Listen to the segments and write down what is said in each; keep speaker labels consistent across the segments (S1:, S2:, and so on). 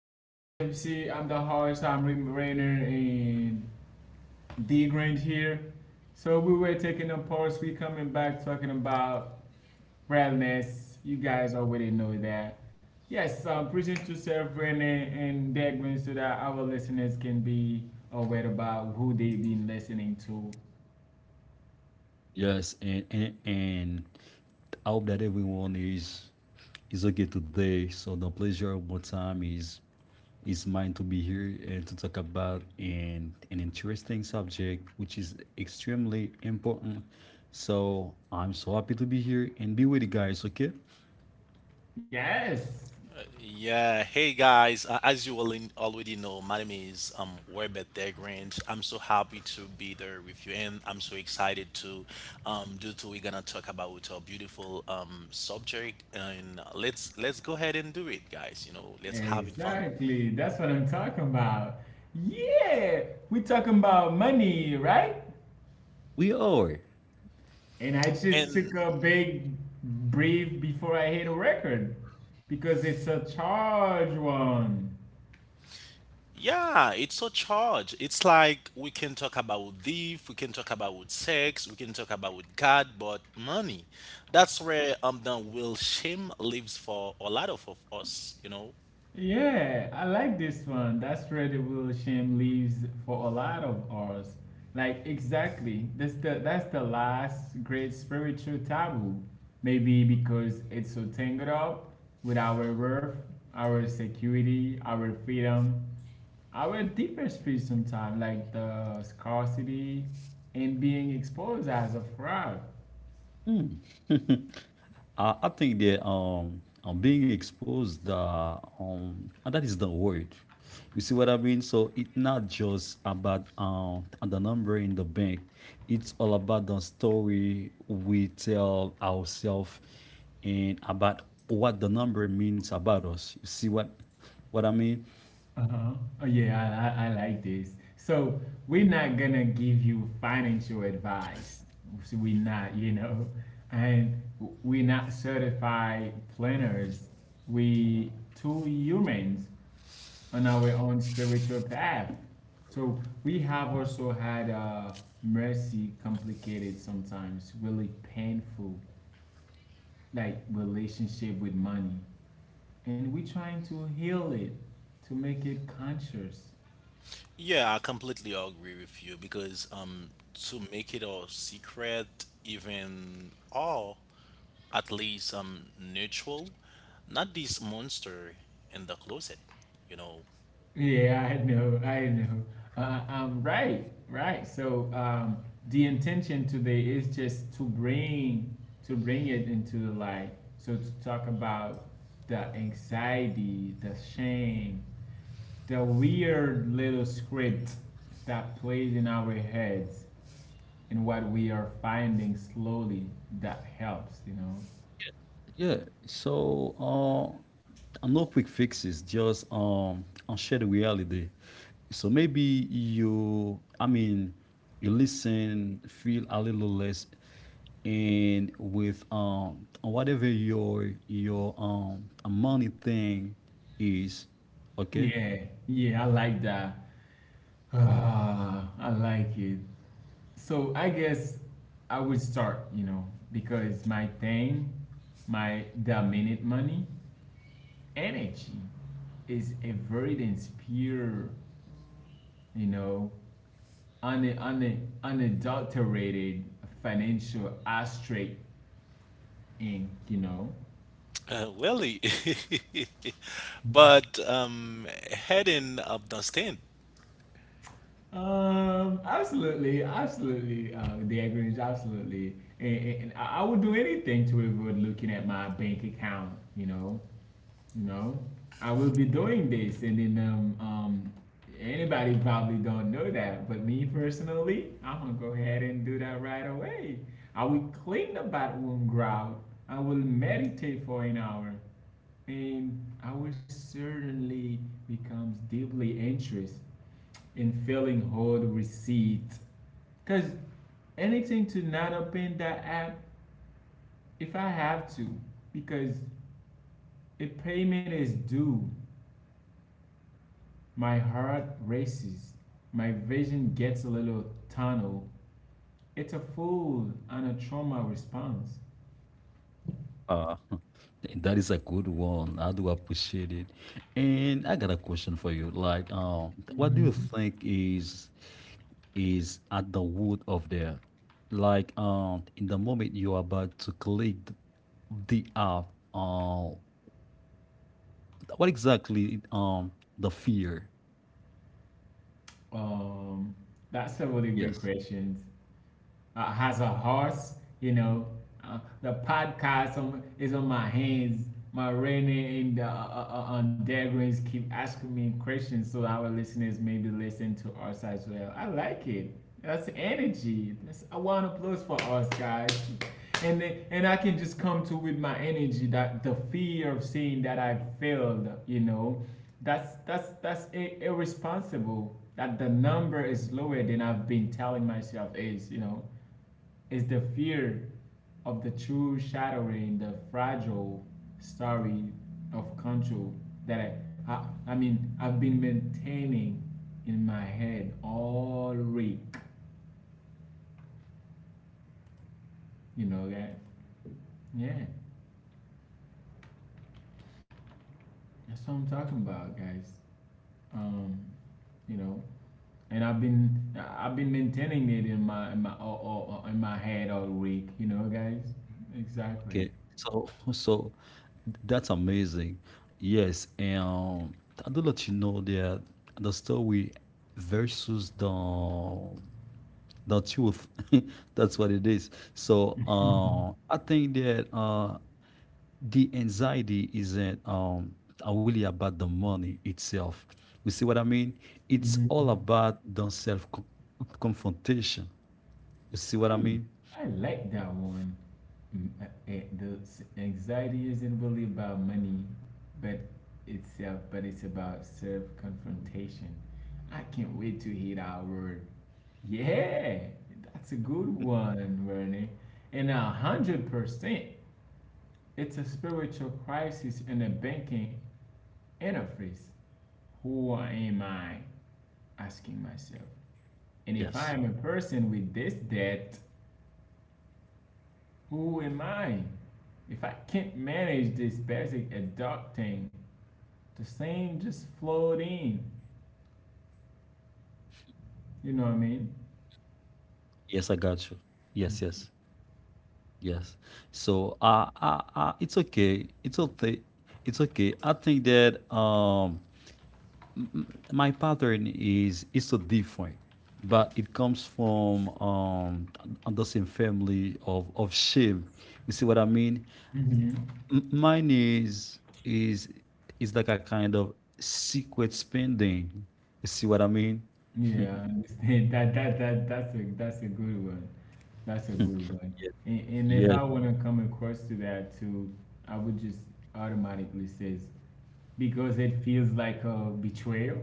S1: I'm JMC, I'm the host, I'm Rick Rainer and D Grange here. So we were taking a pause, we coming back talking about wellness. You guys already know that. Yes, present yourself, Rainer and D Grange, so that our listeners can be aware about who they've been listening to.
S2: Yes, and I hope that everyone is okay today. So the pleasure of my time is mine to be here and to talk about an interesting subject which is extremely important. So I'm so happy to be here and be with you guys, okay?
S1: Yes.
S3: Yeah, hey guys, as you already know, my name is Webet Degrange. I'm so happy to be there with you, and I'm so excited to do to we're gonna talk about a beautiful subject, and let's go ahead and do it guys, let's having fun.
S1: Exactly. That's what I'm talking about. Yeah, we talking about money, right?
S2: We are.
S1: And I just took a big breath before I hit a record because it's a charge one.
S3: Yeah, it's so charged. It's like we can talk about thief, we can talk about sex, we can talk about God, but money. That's where the will shame lives for a lot of us, you know?
S1: Yeah, I like this one. That's where the real shame leaves for a lot of us. Like exactly, that's the last great spiritual taboo. Maybe because it's so tangled up with our worth, our security, our freedom, our deepest fear sometimes, like the scarcity and being exposed as a fraud.
S2: Mm. I think that being exposed and that is the word. You see what I mean? So it's not just about the number in the bank. It's all about the story we tell ourselves and about what the number means about us. You see what I mean?
S1: Uh-huh. Oh yeah, I like this. So we're not gonna give you financial advice. So we're not, you know, and we're not certified planners. We two humans on our own spiritual path. So we have also had mercy complicated sometimes, really painful, like relationship with money, and we're trying to heal it, to make it conscious.
S3: Yeah, I completely agree with you, because to make it a secret, even, or at least neutral, not this monster in the closet, you know.
S1: Yeah, I know, I know. Right, right. So the intention today is just to bring it into the light. So to talk about the anxiety, the shame, the weird little script that plays in our heads, and what we are finding slowly that helps. You know.
S2: Yeah. So and no quick fixes, just share the reality. So maybe you, I mean, you listen, feel a little less, and with whatever your money thing is, okay.
S1: Yeah, yeah. I like that. Ah, I like it. So I guess I would start, you know, because my thing, my dominant money, energy is averted and pure, you know, unadulterated financial aspect ink, you know.
S3: Really? But heading up the stand,
S1: Absolutely, absolutely, Dad Grinch, absolutely. And I would do anything to avoid looking at my bank account, you know. No, I will be doing this, and then anybody probably don't know that, but me personally I'm gonna go ahead and do that right away. I will clean the bathroom grout, I will meditate for an hour, and I will certainly becomes deeply interested in filling whole receipt, because anything to not open that app if I have to, because a payment is due. My heart races. My vision gets a little tunnel. It's a full and a trauma response.
S2: Uh, that is a good one. I do appreciate it. And I got a question for you. Like, what do you
S1: Mhm.
S2: think is at the root of there? Like, in the moment you are about to click the app, um, what exactly the fear?
S1: Um, that's a really great
S2: Yes.
S1: question. Uh, has a horse, you know. The podcast on, is on my hands. My Renee and Degrins keep asking me questions so our listeners maybe listen to us as well. I like it. That's energy. That's I want applause for us, guys. And and I can just come to with my energy that the fear of seeing that I failed, you know, that's irresponsible. That the number is lower than I've been telling myself is, you know, is the fear of the true shattering the fragile story of control that I mean I've been maintaining in my head all week. You know that? Yeah, that's what I'm talking about, guys. Um, you know, and I've been maintaining it in my in my head all week. You know, guys. Exactly.
S2: Okay, so so that's amazing. Yes, and I do let you know that the story versus the truth. That's what it is. So I think that the anxiety isn't really about the money itself. You see what I mean? It's all
S1: Hmm.
S2: about the self confrontation. You see what I
S1: I
S2: mean?
S1: I like that one. The anxiety isn't really about money, but itself, but it's about self confrontation. I can't wait to hear that word. Yeah, that's a good one, Werner. And 100%, it's a spiritual crisis in the banking interface. Who am I? Asking myself. And if I
S2: Yes.
S1: am a person with this debt, who am I? If I can't manage this basic adulting, the same just flowed in. You know what I mean?
S2: Yes, I got you. Yes, yes. Yes. So it's okay. It's okay. It's okay. I think that my pattern is so different, but it comes from the same family of shame. You see what I mean?
S1: Hmm.
S2: Mine is like a kind of secret spending. You see what I mean?
S1: Yeah, I understand. That's a that's a good one. That's a good one.
S2: yes.
S1: And if
S2: Yes.
S1: I want to come across to that too, I would just automatically says because it feels like a betrayal.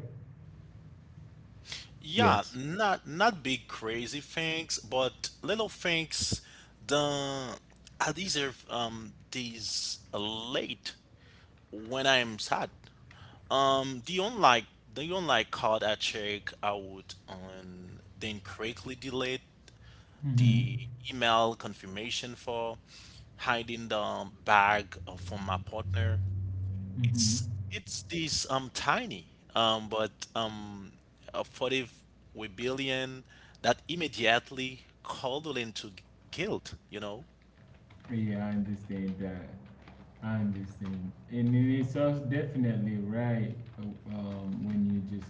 S3: yeah,
S2: Yes.
S3: not big crazy things, but little things. The I deserve these late when I'm sad. Um, the online the online card I check out on then quickly delete
S1: Hmm.
S3: the email confirmation for hiding the bag, from my partner.
S1: Hmm.
S3: It's this tiny, but a 40 rebellion that immediately called into guilt, you know.
S1: Yeah, I understand that. I understand. And it is also definitely right when you just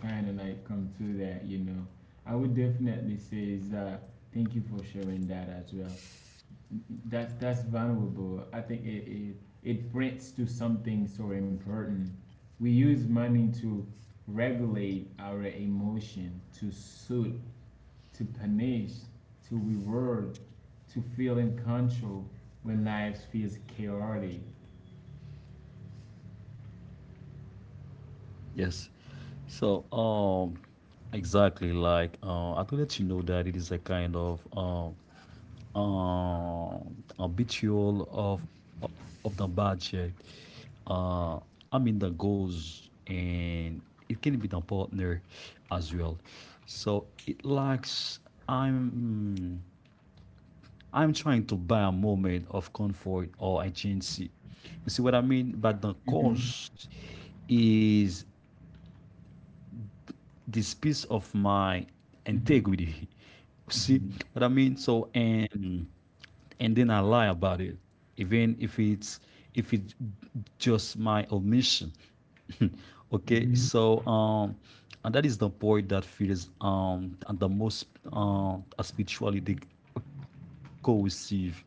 S1: kind of like come to that, you know. I would definitely say is thank you for sharing that as well. That's valuable. I think it points to something so important. We use money to regulate our emotion, to soothe, to punish, to reward, to feel in control when life feels chaotic.
S2: Yes. So, exactly like I will let you know that it is a kind of habitual of the budget. Uh, I mean the goals, and it can be the partner as well. So it lacks. I'm I'm trying to buy a moment of comfort or agency. You see what I mean? But the
S1: Mhm,
S2: cost is this piece of my integrity.
S1: mhm,
S2: See what I
S1: mhm,
S2: mean? So and then I lie about it, even if it's just my omission. okay,
S1: mhm,
S2: so and that is the point that feels and the most spiritually cohesive.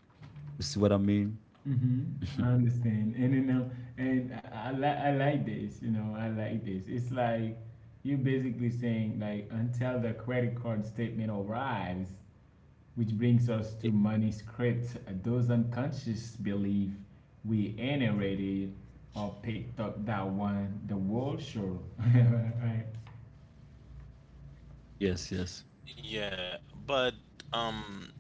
S2: You see what I mean?
S1: mhm. I understand, and you know, and I like I like this. You know, I like this. It's like you basically saying like until the credit card statement arrives, which brings us to
S2: Ye-
S1: money script, those unconscious belief we inherited or picked up that one the world show. Right?
S2: Yes, yes.
S3: Yeah, but um,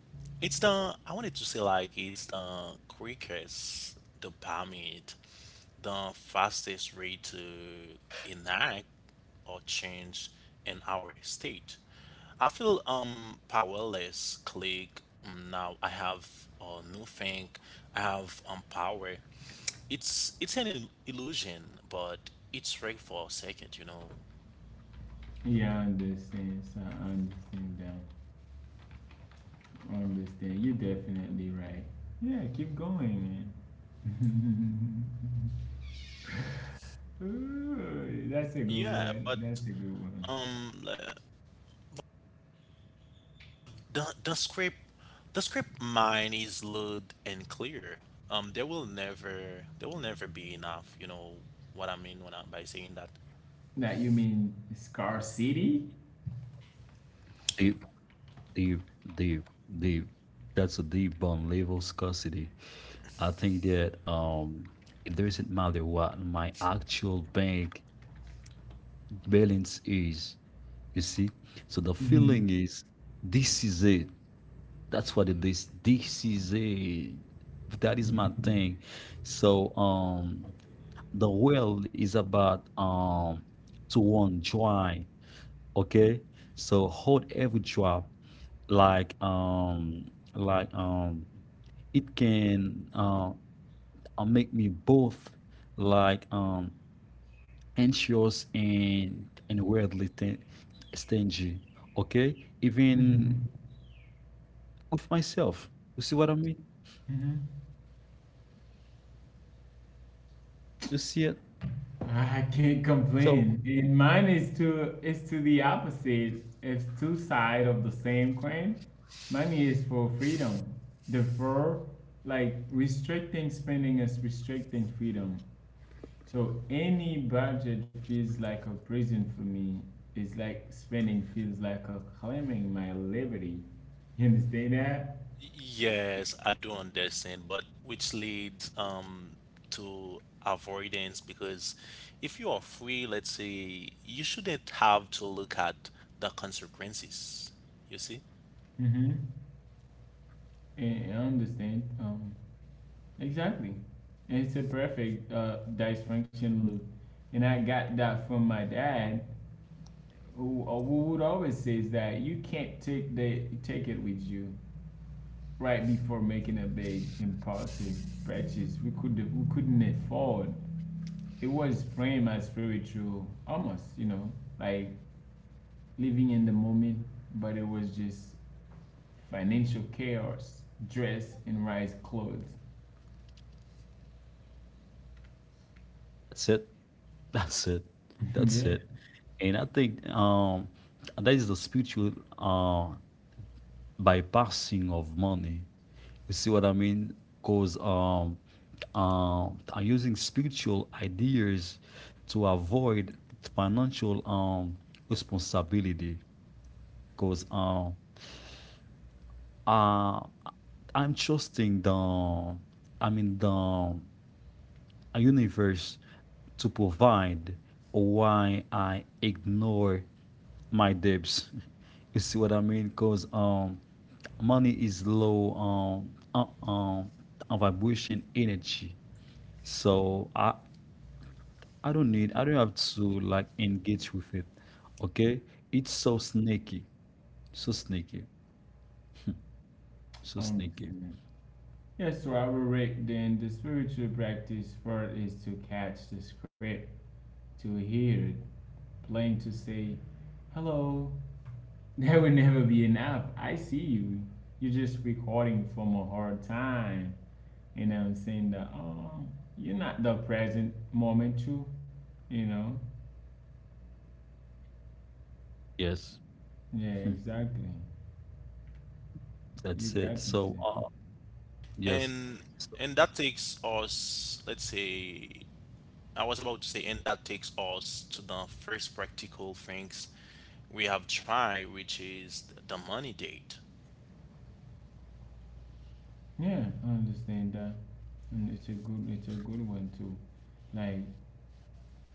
S3: it's the I wanted to say, like it's the quickest, the permit, the fastest way to enact or change in our state. I feel powerless. Click, now. I have a new thing. I have power. It's an illusion, but it's right for a second.
S1: Yeah, I understand. So I understand that. I understand. You're definitely right. Yeah, keep going, man. Ooh, that's a good
S3: Yeah,
S1: one.
S3: but
S1: That's a good one.
S3: um The the script the script, mine is loud and clear. There will never be enough. You know what I mean when by saying that.
S1: That you mean Scar City?
S2: The the the the that's a deep bond level scarcity. I think that it doesn't matter what my actual bank balance is. You see, so the
S1: Mhm.
S2: feeling is this is it. That's what it is. This is it. That is my
S1: Mhm.
S2: thing. So the world is about to enjoy. Okay, so hold every drop like um like it can make me both like anxious and weirdly stingy. Okay, even with myself. You see what I mean?
S1: Mhm.
S2: You see it?
S1: I can't
S2: So
S1: complain. And mine is to the opposite. It's two sides of the same coin. Mine is for freedom. Therefore, like restricting spending is restricting freedom. So any budget feels like a prison for me. It's like spending feels like a claiming my liberty. You understand that?
S3: Yes, I do understand, but which leads to avoidance, because if you are free, let's say, you shouldn't have to look at the consequences. You see,
S1: Mm-hmm. I understand. Exactly. And it's a perfect dysfunction loop. And I got that from my dad, who would always says that you can't take it with you right before making a big impulsive purchase we couldn't afford. It was framed as spiritual almost, you know, like living in the moment, but it was just financial chaos dressed in rice clothes.
S2: that's it. That's it.
S1: Yeah.
S2: That's it. And I think that is the spiritual uh bypassing of money. You see what I mean? Cause I'm using spiritual ideas to avoid financial responsibility. Cause uh I'm trusting the I mean the universe to provide why I ignore my debts. you see what I mean? Cause money is low vibration energy, so I don't need, I don't have to like engage with it. Okay, it's so snaky, so snaky,
S1: I
S2: so snaky.
S1: understand. Yeah, so I will rate then the spiritual practice for it is to catch the script, to hear it playing, to say hello. There will never be enough, I see you, you're just recording from a hard time, you know what I'm saying? That oh, you're not the present moment too, you know.
S2: Yes. Hmm.
S1: Yeah, exactly.
S2: That's
S1: You
S2: it,
S1: got
S2: so
S1: this.
S2: yes.
S3: and
S2: So,
S3: and that takes us, let's say, I was about to say, and that takes us to the first practical things we have tried, which is the money date.
S1: Yeah, I understand that. And it's a good, it's a good one too. Like,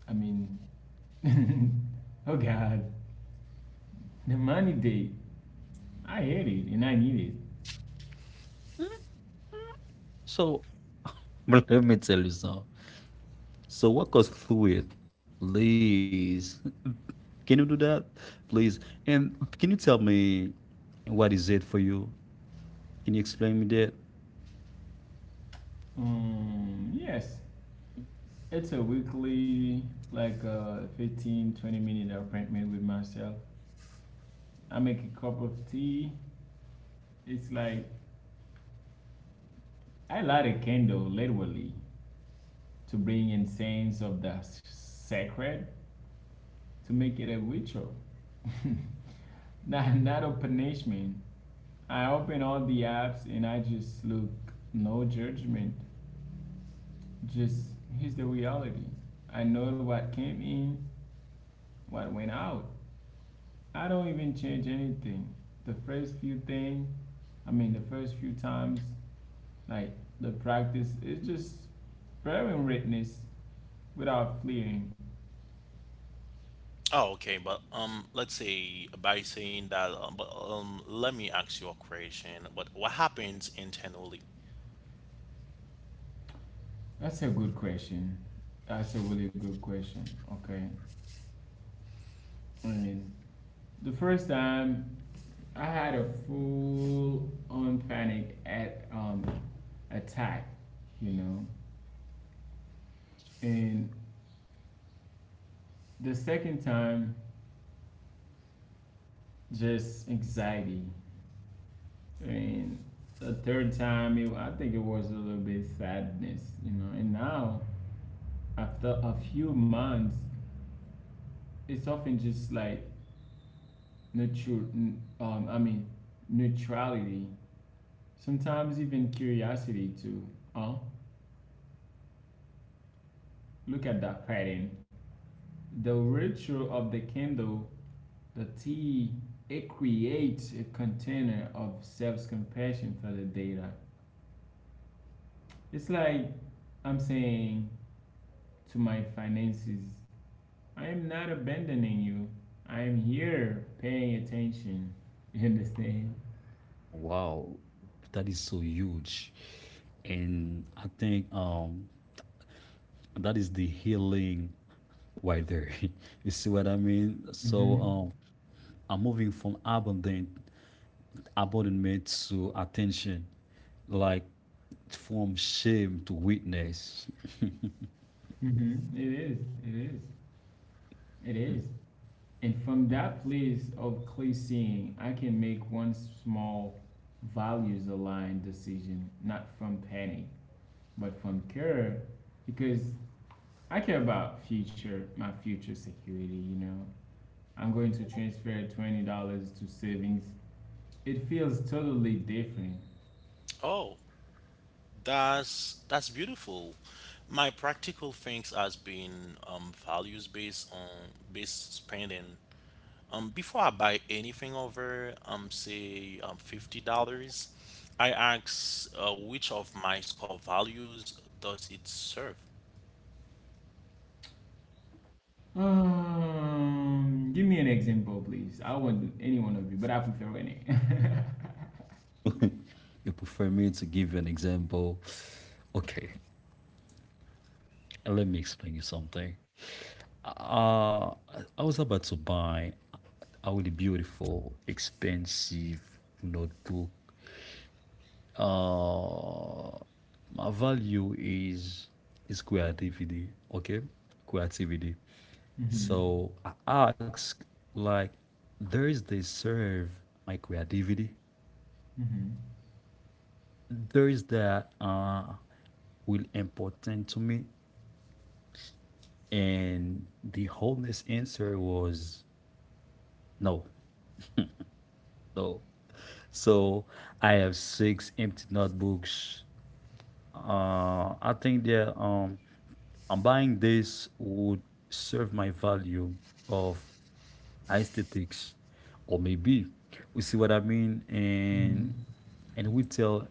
S1: I mean, oh god, the money day, I hate it and I need it.
S2: Mm. So let me tell you something, so walk us through it, please. Can you do that, please? And can you tell me what is it for you? Can you explain me that?
S1: Yes, it's a weekly like 15, 20 minute appointment with myself. I make a cup of tea, it's like I light a candle literally to bring in sense of the sacred, to make it a ritual, not, not a punishment. I open all the apps and I just look, no judgment, just here's the reality. I know what came in, what went out. I don't even change anything. The first few things. The first few times, like the practice is just bearing witness without fleeing.
S3: Oh, okay, but let's say by saying that, but let me ask you a question. But what happens internally?
S1: That's a good question. That's a really good question. Okay. I mean, the first time I had a full on panic at attack, you know. And the second time just anxiety. And the third time it, I think it was a little bit sadness, you know. And now after a few months, it's often just like neutral um I mean neutrality. Sometimes even curiosity too. Huh? Look at that pattern. The ritual of the candle, the tea, it creates a container of self-compassion for the data. It's like I'm saying to my finances, I am not abandoning you. I am here paying attention. You understand?
S2: Wow, that is so huge. And I think that is the healing right there. You see what I mean?
S1: Mm-hmm.
S2: So I'm moving from abandonment to attention, like from shame to witness.
S1: Mm-hmm. It is. It is. It is. And from that place of clear seeing, I can make one small values aligned decision, not from panic, but from care, because I care about future, my future security, you know. I'm going to transfer $20 to savings. It feels totally different.
S3: Oh, that's beautiful. My practical things has been values based on based spending. Before I buy anything over, say $50, I ask, which of my score values does it serve?
S1: Give me an example, please. I want any one of you, but I prefer winning.
S2: You prefer me to give you an example? Okay, let me explain you something. Uh, I was about to buy a really beautiful, expensive notebook. Uh, my value is creativity. Okay, creativity.
S1: Mm-hmm.
S2: So I ask, like, there is the serve my creativity.
S1: Mm-hmm.
S2: There is that will important to me, and the honest answer was no, no. So I have six empty notebooks. I think that I'm buying this would serve my value of aesthetics, or maybe we see what I mean,
S1: Mm-hmm.
S2: and we tell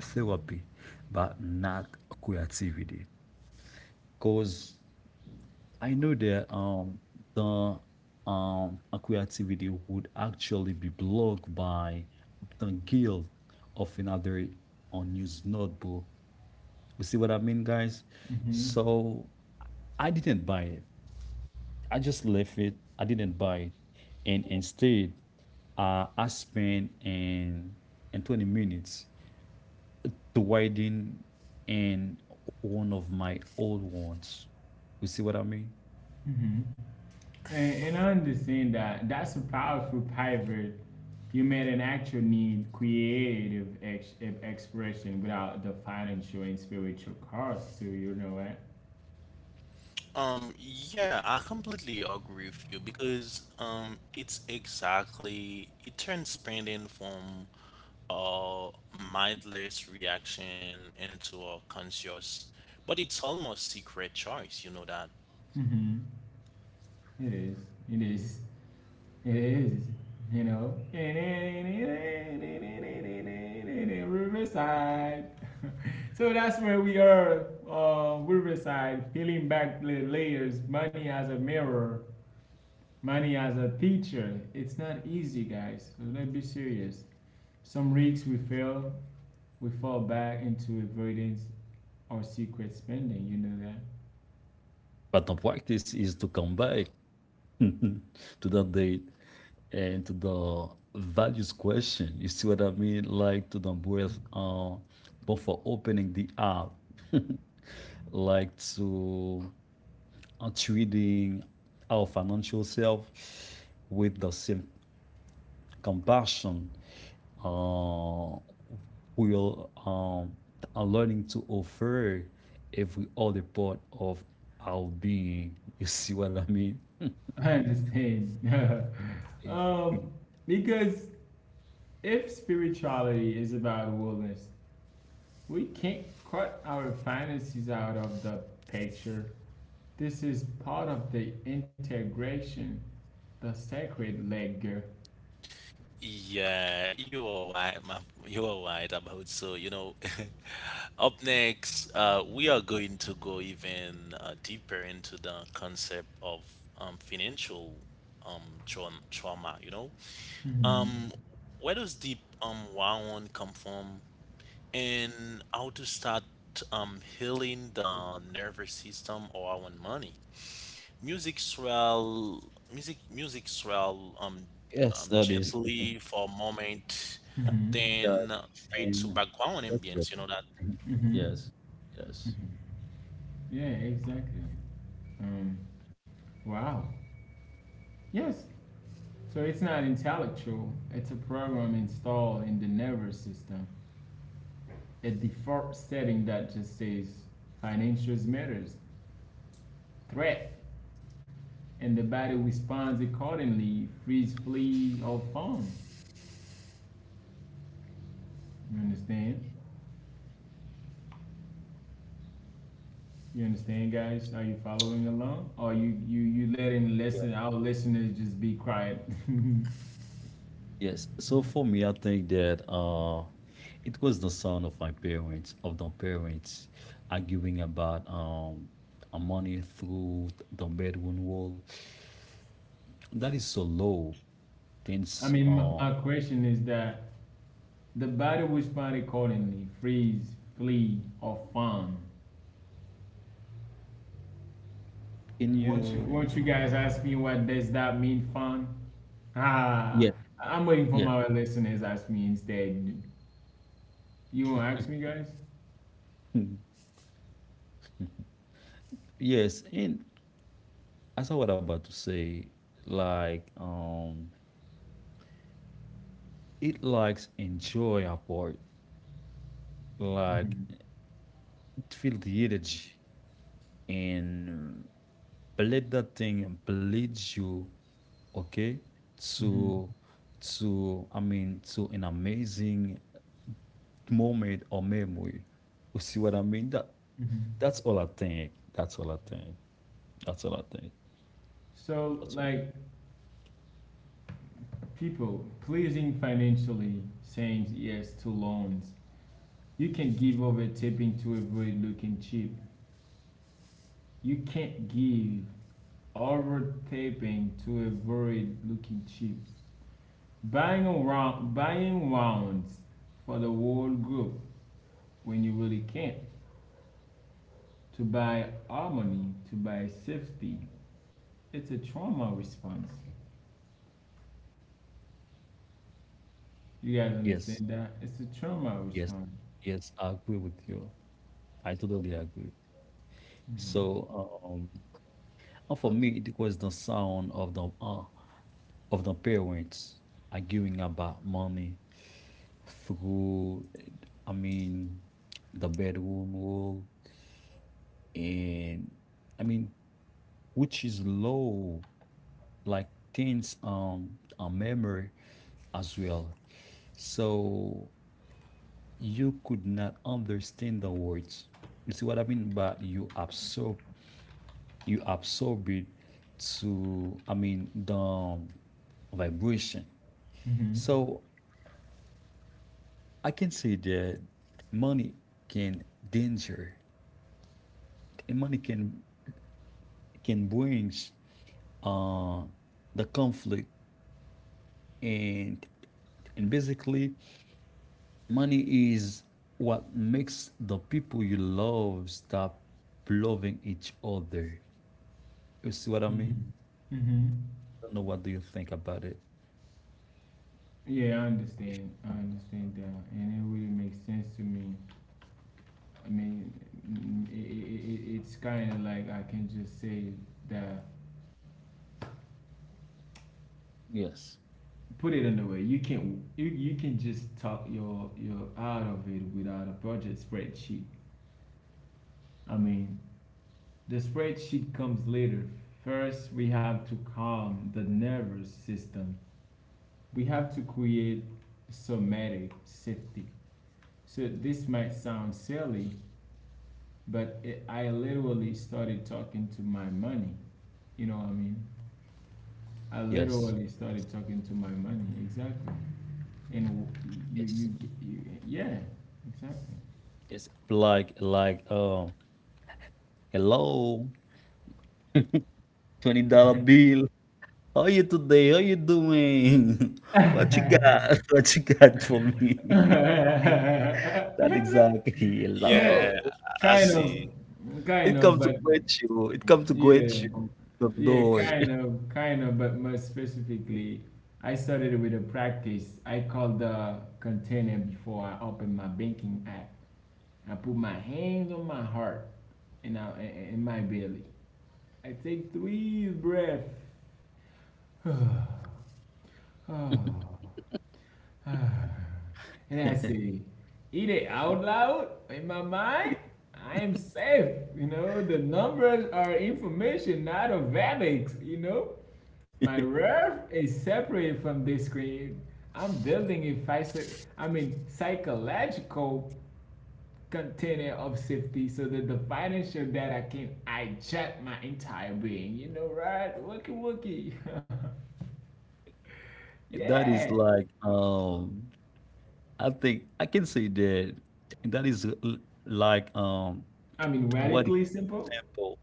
S2: therapy, but not creativity, because I know that the creativity would actually be blocked by the guilt of another unused notebook. You see what I mean, guys?
S1: Mm-hmm.
S2: So I didn't buy it. I just left it. I didn't buy it, and instead, I spent in 20 minutes to widen in one of my old ones. You see what I mean?
S1: Mm-hmm. And I understand that. That's a powerful pivot. You made an actual need creative expression without the financial and spiritual cost, too. You know what?
S3: Yeah, I completely agree with you, because it's exactly it turns spending from a mindless reaction into a conscious, but it's almost secret choice. You know that.
S1: Mm-hmm. It is. It is. It is. You know? Riverside. So that's where we are, Riverside, peeling back the layers, money as a mirror, money as a teacher, it's not easy, guys. So let's be serious. Some weeks we fail, we fall back into avoidance or secret spending. You know that.
S2: But the practice is to come back to that date and to the values question. You see what I mean? Like to the breath, but for opening the app, like to treating our financial self with the same compassion, uh, we will are learning to offer every other part of our being. You see what I mean?
S1: I understand. um, because if spirituality is about wellness, we can't cut our finances out of the picture. This is part of the integration, the sacred leg.
S3: Yeah, you are right, ma you are right about so, you know. Up next, we are going to go even deeper into the concept of financial trauma. You know,
S1: Mm-hmm.
S3: where does deep wound come from, and how to start healing the nervous system or our money? Music swell, music swell,
S2: Yes, that is.
S3: gently for a moment,
S1: Mm-hmm.
S2: Yeah,
S3: then fade to background
S2: that's what
S3: ambience. You know that?
S2: Mhm.
S1: Mm-hmm.
S2: Yes, yes,
S1: Mm-hmm. Yeah, exactly. Um, wow. Yes. So it's not intellectual. It's a program installed in the nervous system. A default setting that just says financials matters, threat, and the body responds accordingly. Freeze, flee, or fawn. You understand? You understand, guys? Are you following along? Or you letting
S2: yeah,
S1: listen our listeners just be quiet?
S2: yes. So for me, I think that it was the son of my parents, of the parents, arguing about money through the bedroom wall. That is so low.
S1: I
S2: Things
S1: mean, my question is that the body will respond accordingly freeze, flee, or fawn.
S2: can
S1: Won't you,
S2: you?
S1: won't you guys ask me, what does that mean, fawn?
S2: Yeah,
S1: Ah, I'm waiting for
S2: yeah,
S1: my listeners ask me instead. You won't ask me, guys?
S2: yes. And as I was about to say, like it likes enjoy apart, like
S1: Mhm,
S2: it feel the energy, and bleed that thing and bleed you, okay,
S1: mhm,
S2: to to, I mean, to an amazing moment or memory. You see what I mean? That
S1: mhm.
S2: that's all I think, that's all I think, that's all I think,
S1: So,
S2: that's all.
S1: like, people, pleasing financially, saying yes to loans. You can give over tipping to avoid looking cheap. You can't give over tipping to avoid looking cheap. Buying around, buying rounds for the whole group when you really can't. To buy harmony, to buy safety. It's a trauma response. You guys
S2: Yes,
S1: understand that? It's a trauma
S2: yes,
S1: response.
S2: yes, I agree with you, I totally agree.
S1: Mm-hmm.
S2: So and for me it was the sound of the parents arguing about money through, I mean, the bedroom rule, and I mean, which is low, like things a memory as well. So you could not understand the words. You see what I mean? But you absorb it to, I mean, the vibration.
S1: Mm-hmm.
S2: So I can say that money can danger and money can brings uh the conflict, and and basically money is what makes the people you love stop loving each other. You see what I mean?
S1: Mm-hmm. Mm-hmm.
S2: I don't know what do you think about it.
S1: Yeah, I
S2: If,
S1: understand. I understand that, and it really makes sense to me. I mean, it it it it's kind of like I can just say that.
S2: yes.
S1: Put it another way, you can just talk your out of it without a budget spreadsheet. I mean, the spreadsheet comes later. First, we have to calm the nervous system. We have to create somatic safety. So this might sound silly, but I literally started talking to my money. You know what I mean? I
S2: Yes.
S1: literally started talking to my money. Exactly. And you
S2: Yes.
S1: you, you yeah, exactly.
S2: It's like hello $20 bill. How are you today? How you doing? What you got? What you got for me? That exactly.
S1: Yeah,
S3: Yeah,
S2: Hello.
S3: I
S1: kind of
S3: see.
S1: kind
S2: It
S1: of
S2: come to
S1: but
S2: get you, it come to
S1: yeah,
S2: get you, the
S1: yeah,
S2: door.
S1: kind of, but more specifically, I started with a practice I called the container. Before I opened my banking app, I put my hands on my heart, and my belly. I take three breaths. oh, ah. And I say, eat it out loud in my mind. I am safe. You know, the numbers are information, not of habits. You know, my worth is separate from this screen. I'm building a psychological container of safety so that the financial data can hijack my entire being. You know, right? Wookie wookie.
S2: That
S1: Yeah.
S2: is like, I think I can say that that is l like,
S1: I mean,
S2: what
S1: radically simple?
S2: example?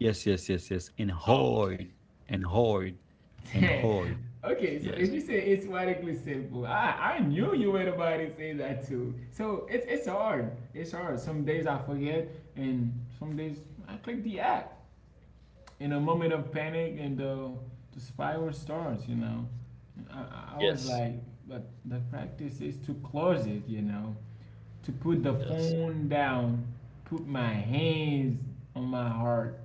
S2: Yes, yes, yes, yes, and
S3: Oh, okay.
S2: hard, and hard, and hard.
S1: Okay, so if
S2: Yes,
S1: you say it's radically simple, I knew you were about to say that too. So it's hard. It's hard. Some days I forget, and some days I click the app in a moment of panic, and the spiral starts, you know. I was
S2: yes,
S1: like, but the practice is to close it, you know, to put the
S2: yes.
S1: phone down, put my hands on my heart,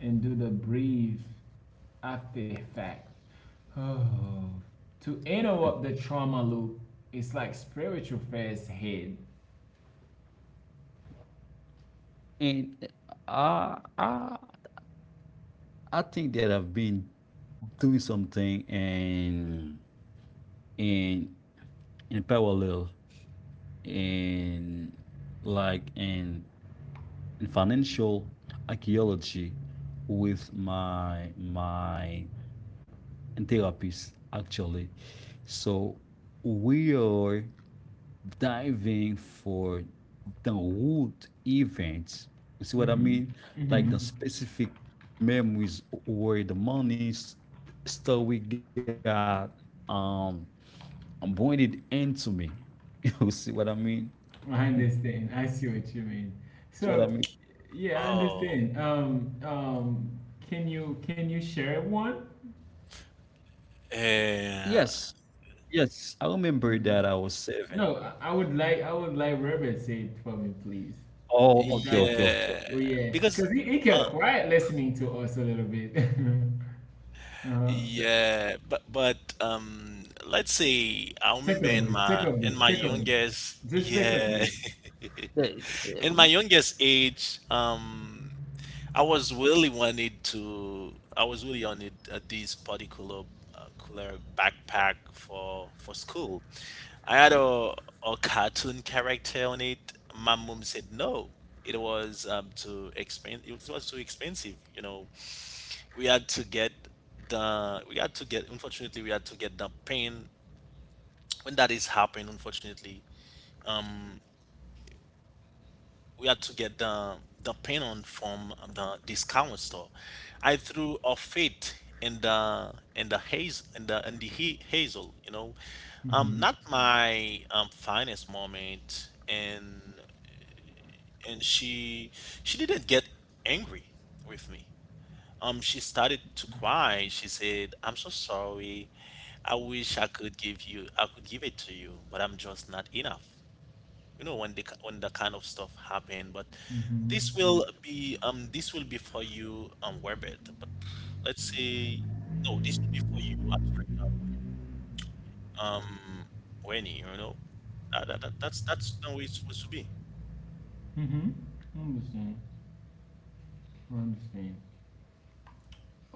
S1: and do the breathe after fact. Oh. To
S2: Mm.
S1: interrupt the trauma loop, it's like spiritual first aid.
S2: And eh, I, I, I think that I've been doing something and in in parallel in like in financial archaeology with my therapist actually. So we are diving for the root events. You see what I
S1: Mm-hmm.
S2: mean? Like
S1: Mm-hmm.
S2: the specific memories where the money story got um pointed into me. You see what I mean?
S1: I understand. I see what you mean.
S2: See what
S1: So,
S2: I mean?
S1: yeah, I
S3: Oh,
S1: understand. Can you share one?
S3: uh,
S2: Yes, yes. I remember
S1: No,
S2: that I was seven.
S1: no. I would like Robert say it for me, please.
S2: Oh,
S1: With
S2: okay, okay,
S1: that,
S2: okay.
S3: yeah,
S1: oh yeah,
S3: because
S1: because he
S3: uh,
S1: kept quiet listening to us a little bit. Uh huh.
S2: Yes.
S3: yeah, but let's say, I
S1: Take
S3: remember
S1: a
S3: in
S1: breath, take
S3: my
S1: a
S3: in
S1: breath,
S3: my
S1: take a breath.
S3: youngest,
S1: Just take a
S3: yeah,
S1: breath.
S2: Eh, eh,
S3: in my
S2: mm,
S3: youngest age, I was really wanted to. I was really on it, this particular, cooler backpack for school. I had a cartoon character on it. My mom said no. It was too expensive. It was too expensive. You know, we had to get the. We had to get. Unfortunately, we had to get the pen. When that is happening, unfortunately, we had to get the paint on from the discount store. I threw a fit in the haze, in the hazel, you know,
S1: Mm-hmm.
S3: not my finest moment, and she didn't get angry with me. She started to cry. She said, "I'm so sorry. I wish I could give it to you, but I'm just not enough." You know, when the when that kind of stuff happen, but this
S1: Mm-hmm.
S3: will be um this will be for you, Webert. But let's say, no, this will be for you, I'm sorry, Wenny, you know, that's the way it's supposed to be.
S1: Mm-hmm. I understand. I understand.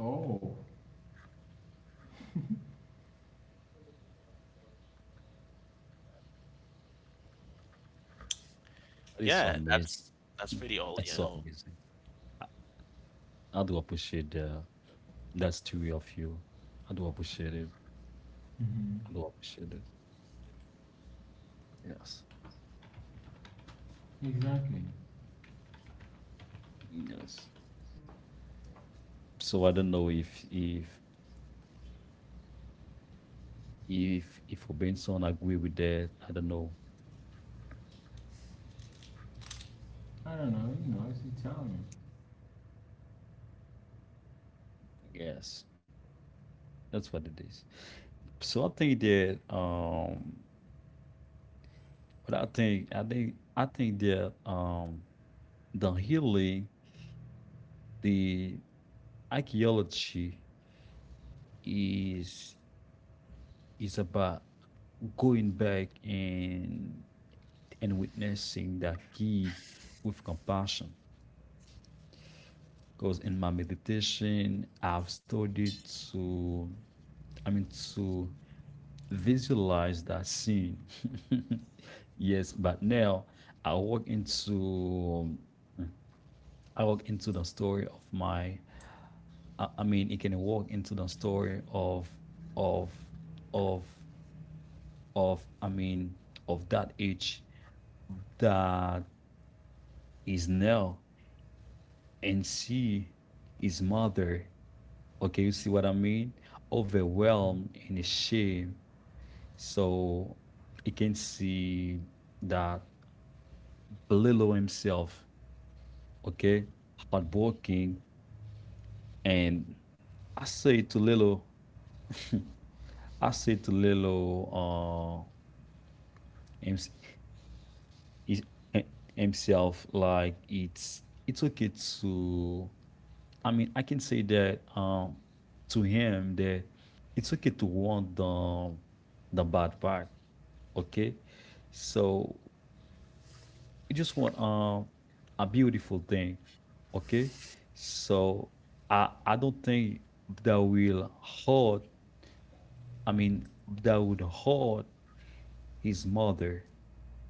S1: Oh.
S2: That is so
S3: Yeah,
S2: amazing.
S3: that's
S2: Mm,
S3: pretty old
S2: that's
S3: you
S2: so
S3: know
S2: amazing. I, I do appreciate the, that story of you. I do appreciate it.
S1: Mm-hmm.
S2: Block shadow. Yes.
S1: Exactly.
S2: Yes. So I don't know if if Robinson agree with that. I don't know.
S1: I don't know. You know, it's Italian.
S2: Yes, that's what it is. So I think that but I think I think that the healing, the archaeology is is about going back and witnessing that kid with compassion. Because in my meditation, I've studied to, I mean, to visualize that scene. Yes, but now I walk into, I walk into the story of my, I mean, it can walk into the story of, of, of, I mean, of that age that is now and see his mother. Okay, you see what I mean? Overwhelmed in shame. So you can see that Lilo himself, okay, hardworking. And I say to Lilo, I say to Lilo, himself, like it's okay to. I mean, I can say that to him that it's okay to want the bad part, okay. So you just want a beautiful thing, okay, so I don't think that will hurt. I mean that would hurt his mother,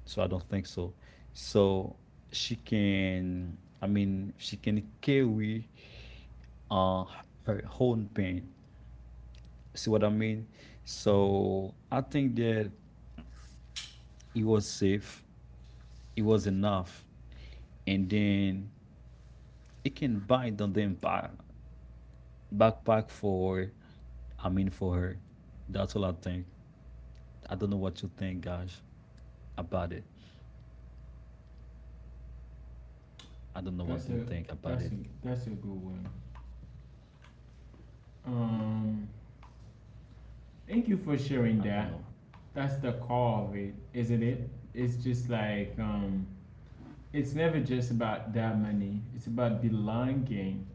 S2: so I don't think so. So she can, I mean she can carry uh her own pain, see what I mean?
S1: Mhm.
S2: So I think that it was safe, it was enough, and then it can bind on the impact backpack for I'm in for her. That's all I think. I don't know what you think, guys, about it. I don't know what
S1: That's
S2: do you
S1: a
S2: think about
S1: that's
S2: it.
S1: a that's a good one. Um, thank you
S2: I
S1: for
S2: don't know.
S1: sharing that. That's the core of it, isn't it? It's just like, it's never just about that money. It's about belonging.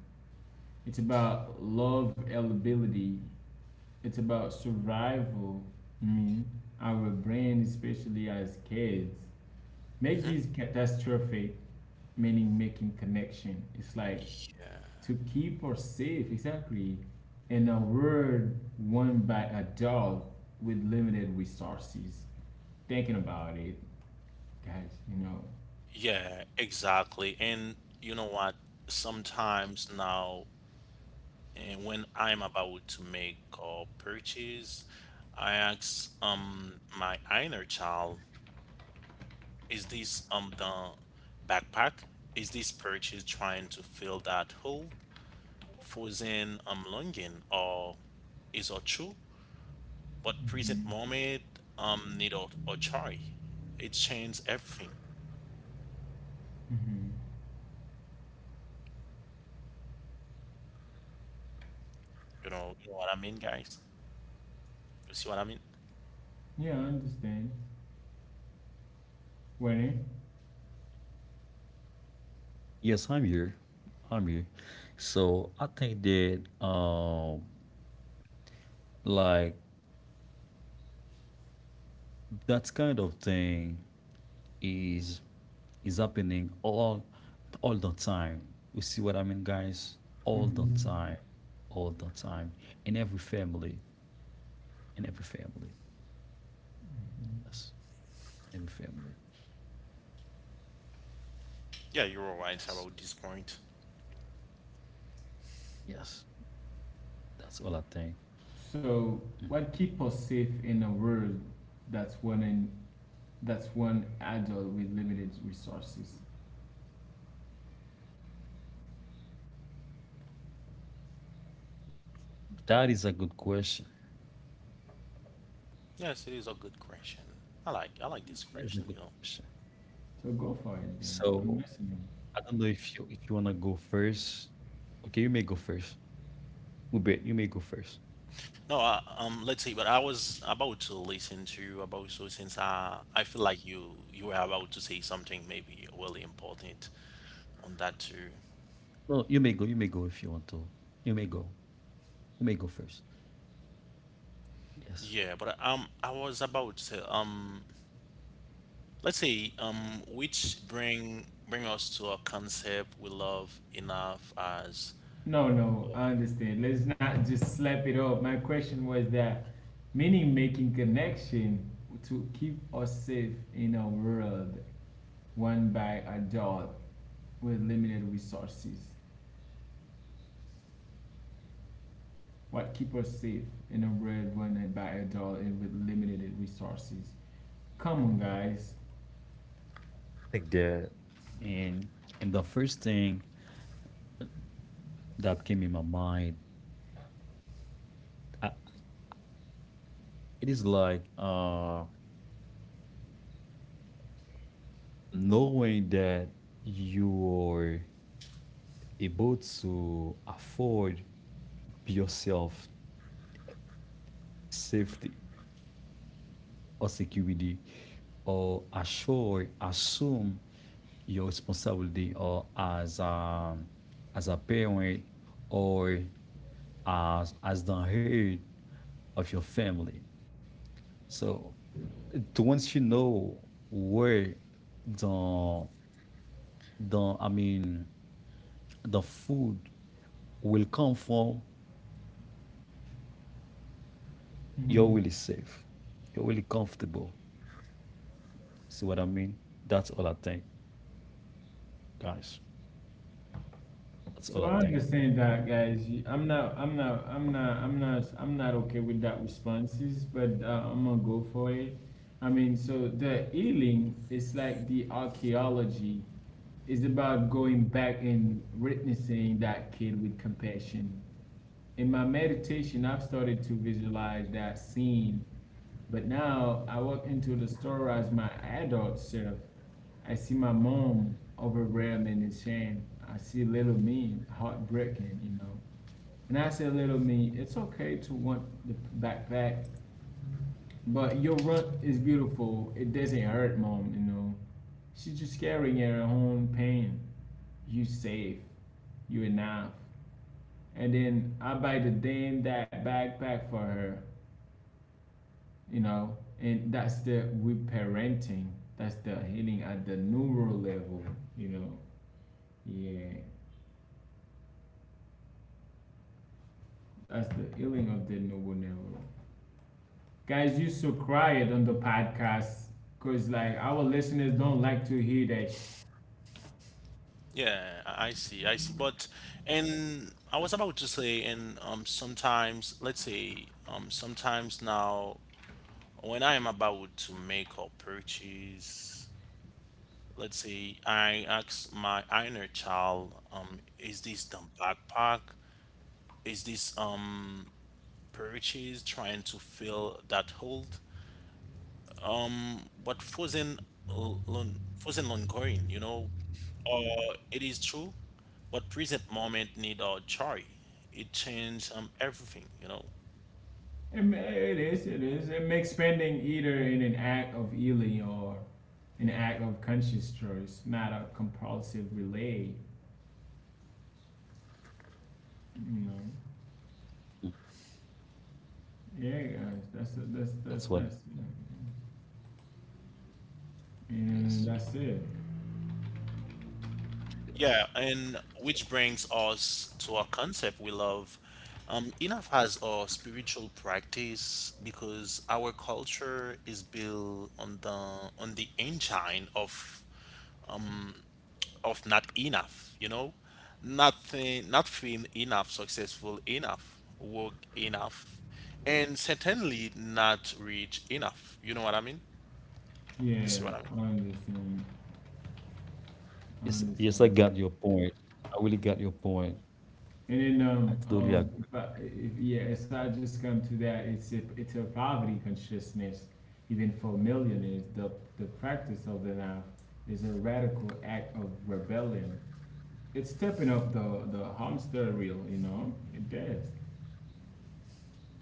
S1: It's about love eligibility. It's about survival. I mean, our brain, especially as kids, make
S3: hmm.
S1: this catastrophic meaning making connection. It's like
S3: Y-
S1: to keep us safe, exactly, in a world won by adult with limited resources. Thinking about it, guys, you know.
S3: Yeah, exactly. And you know what? Sometimes now, and when I'm about to make a purchase, I ask my inner child, is this the backpack? Is this purchase trying to fill that hole? Frozen longing, or true? But present
S1: Hmm.
S3: moment need, or joy. It changes everything.
S1: Hmm.
S3: You know what I mean, guys? You see what I mean?
S1: Yeah, I understand. Winnie?
S2: Yes, I'm here. I'm here. So I think that like that kind of thing is happening all the time. You see what I mean, guys? All the
S1: Mm-hmm.
S2: time. All the time. In every family. In every family. Yes. In every family.
S3: Yeah, you're all right
S2: Yes.
S3: about this point.
S2: Yes. That's all I think.
S1: So, what keep us safe in a world that's one in that's one adult with limited resources?
S2: That is a good question.
S3: Yes, it is a good question. I like this
S2: That is a good
S3: question.
S2: question.
S1: So go for it then.
S2: So
S1: I'm listening.
S2: I don't know if you wanna go first. Okay, you may go first. Hubert, you may go first.
S3: No, let's see, but I was about to listen to you about so, since I feel like you were about to say something maybe really important on that too.
S2: No, you may go. You may go if you want to. You may go. You may go first. Yes.
S3: Yeah, but I was about to, let's say, which bring us to a concept we love enough as.
S1: No, no, I understand. Let's not just slap it up. My question was that meaning making connection to keep us safe in a world run by adult with limited resources. What keep us safe in a world run by adult and with limited resources? Come on, guys.
S2: Take the and the first thing that came in my mind, I, it is like knowing that you are able to afford yourself safety or security or assure, assume your responsibility or as a parent, or as the head of your family. So once you know where the the, the food will come from, you're really safe. You're really comfortable. See what I mean? That's all I think, guys. That's all
S1: So
S2: I
S1: I
S2: think.
S1: understand that, guys. I'm not, I'm not, I'm not, I'm not, I'm not okay with that responses, but I'm gonna go for it. I mean, so the healing is like the archaeology is about going back and witnessing that kid with compassion. In my meditation, I've started to visualize that scene, but now I walk into the store as my adult self. I see my mom overwhelmed in shame. I see little me heartbreaking, you know. And I say, little me, it's okay to want the backpack, but your run is beautiful. It doesn't hurt, mom, you know. She's just carrying her own pain. You safe. You enough. And then I buy the damn that backpack for her. You know, and that's the with parenting, that's the healing at the neural level, you know. Yeah, that's the healing of the neural level. Guys, you so quiet on the podcast, because like our listeners don't like to hear that
S3: Yeah, I see. But and I was about to say, and sometimes, let's say, sometimes now, when I am about to make a purchase, let's say I ask my inner child, is this the backpack? Is this purchase trying to fill that hold? But frozen ongoing, or it is true, but present moment need a joy. It change everything,
S1: It makes spending either in an act of healing or an act of conscious choice, not a compulsive relay, you know.
S2: Mm.
S1: Yeah, guys, that's that's
S2: That's
S1: that's
S2: what,
S1: that's you know,
S2: yes.
S1: and that's it.
S3: Yeah,
S2: Yes.
S3: and which brings us to our concept we love. Enough has a spiritual practice, because our culture is built on the engine of not enough, you know? Nothing not feeling enough, successful enough, work enough, and certainly not rich enough. You know what I mean? You
S1: Yeah,
S3: see what I mean?
S1: I understand. I
S2: Yes, yes, I
S1: understand.
S2: got your point. I really got your point.
S1: And then,
S2: I totally agree.
S1: if I if yeah, if I just come to that, it's a poverty consciousness, even for millionaires. The practice of the knife is a radical act of rebellion. It's stepping off the hamster wheel, you know. It does.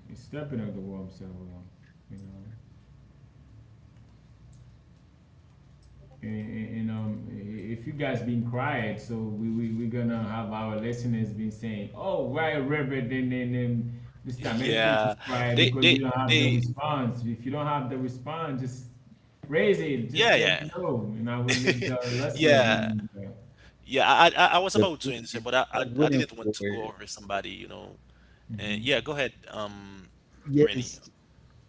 S1: It's stepping off the hamster wheel, you know. And If you guys been quiet, so we gonna have our listeners been saying, "Oh, why Reverend and Mr. Mente is
S3: Yeah,
S1: quiet?
S3: they
S1: Because you
S3: they
S1: don't have the
S3: they,
S1: response. If you don't have the response, just raise it. Just let
S3: yeah,
S1: me know, and I will let
S3: yeah.
S1: the
S2: With
S1: listeners
S3: Yeah.
S1: know."
S3: Yeah, I was
S2: the
S3: about to
S2: thing
S3: answer,
S2: is,
S3: but I,
S2: I
S3: I
S2: was
S3: I
S2: waiting
S3: didn't want
S2: for,
S3: to go over somebody, And
S1: Hmm.
S3: yeah, go ahead, Rennie.
S2: yes.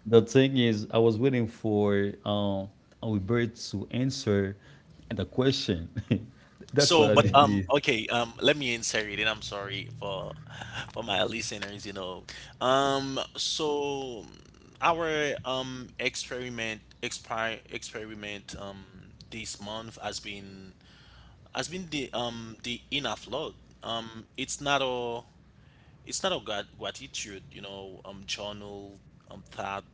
S2: The thing is, I was waiting for Albert to answer the question. That's
S3: So,
S2: what I
S3: but
S2: did.
S1: Okay.
S2: Is
S3: okay, let me answer it, and I'm sorry for my listeners, So, our experiment this month has been the the enough log. Um, it's not a it's not a gratitude, journal thought.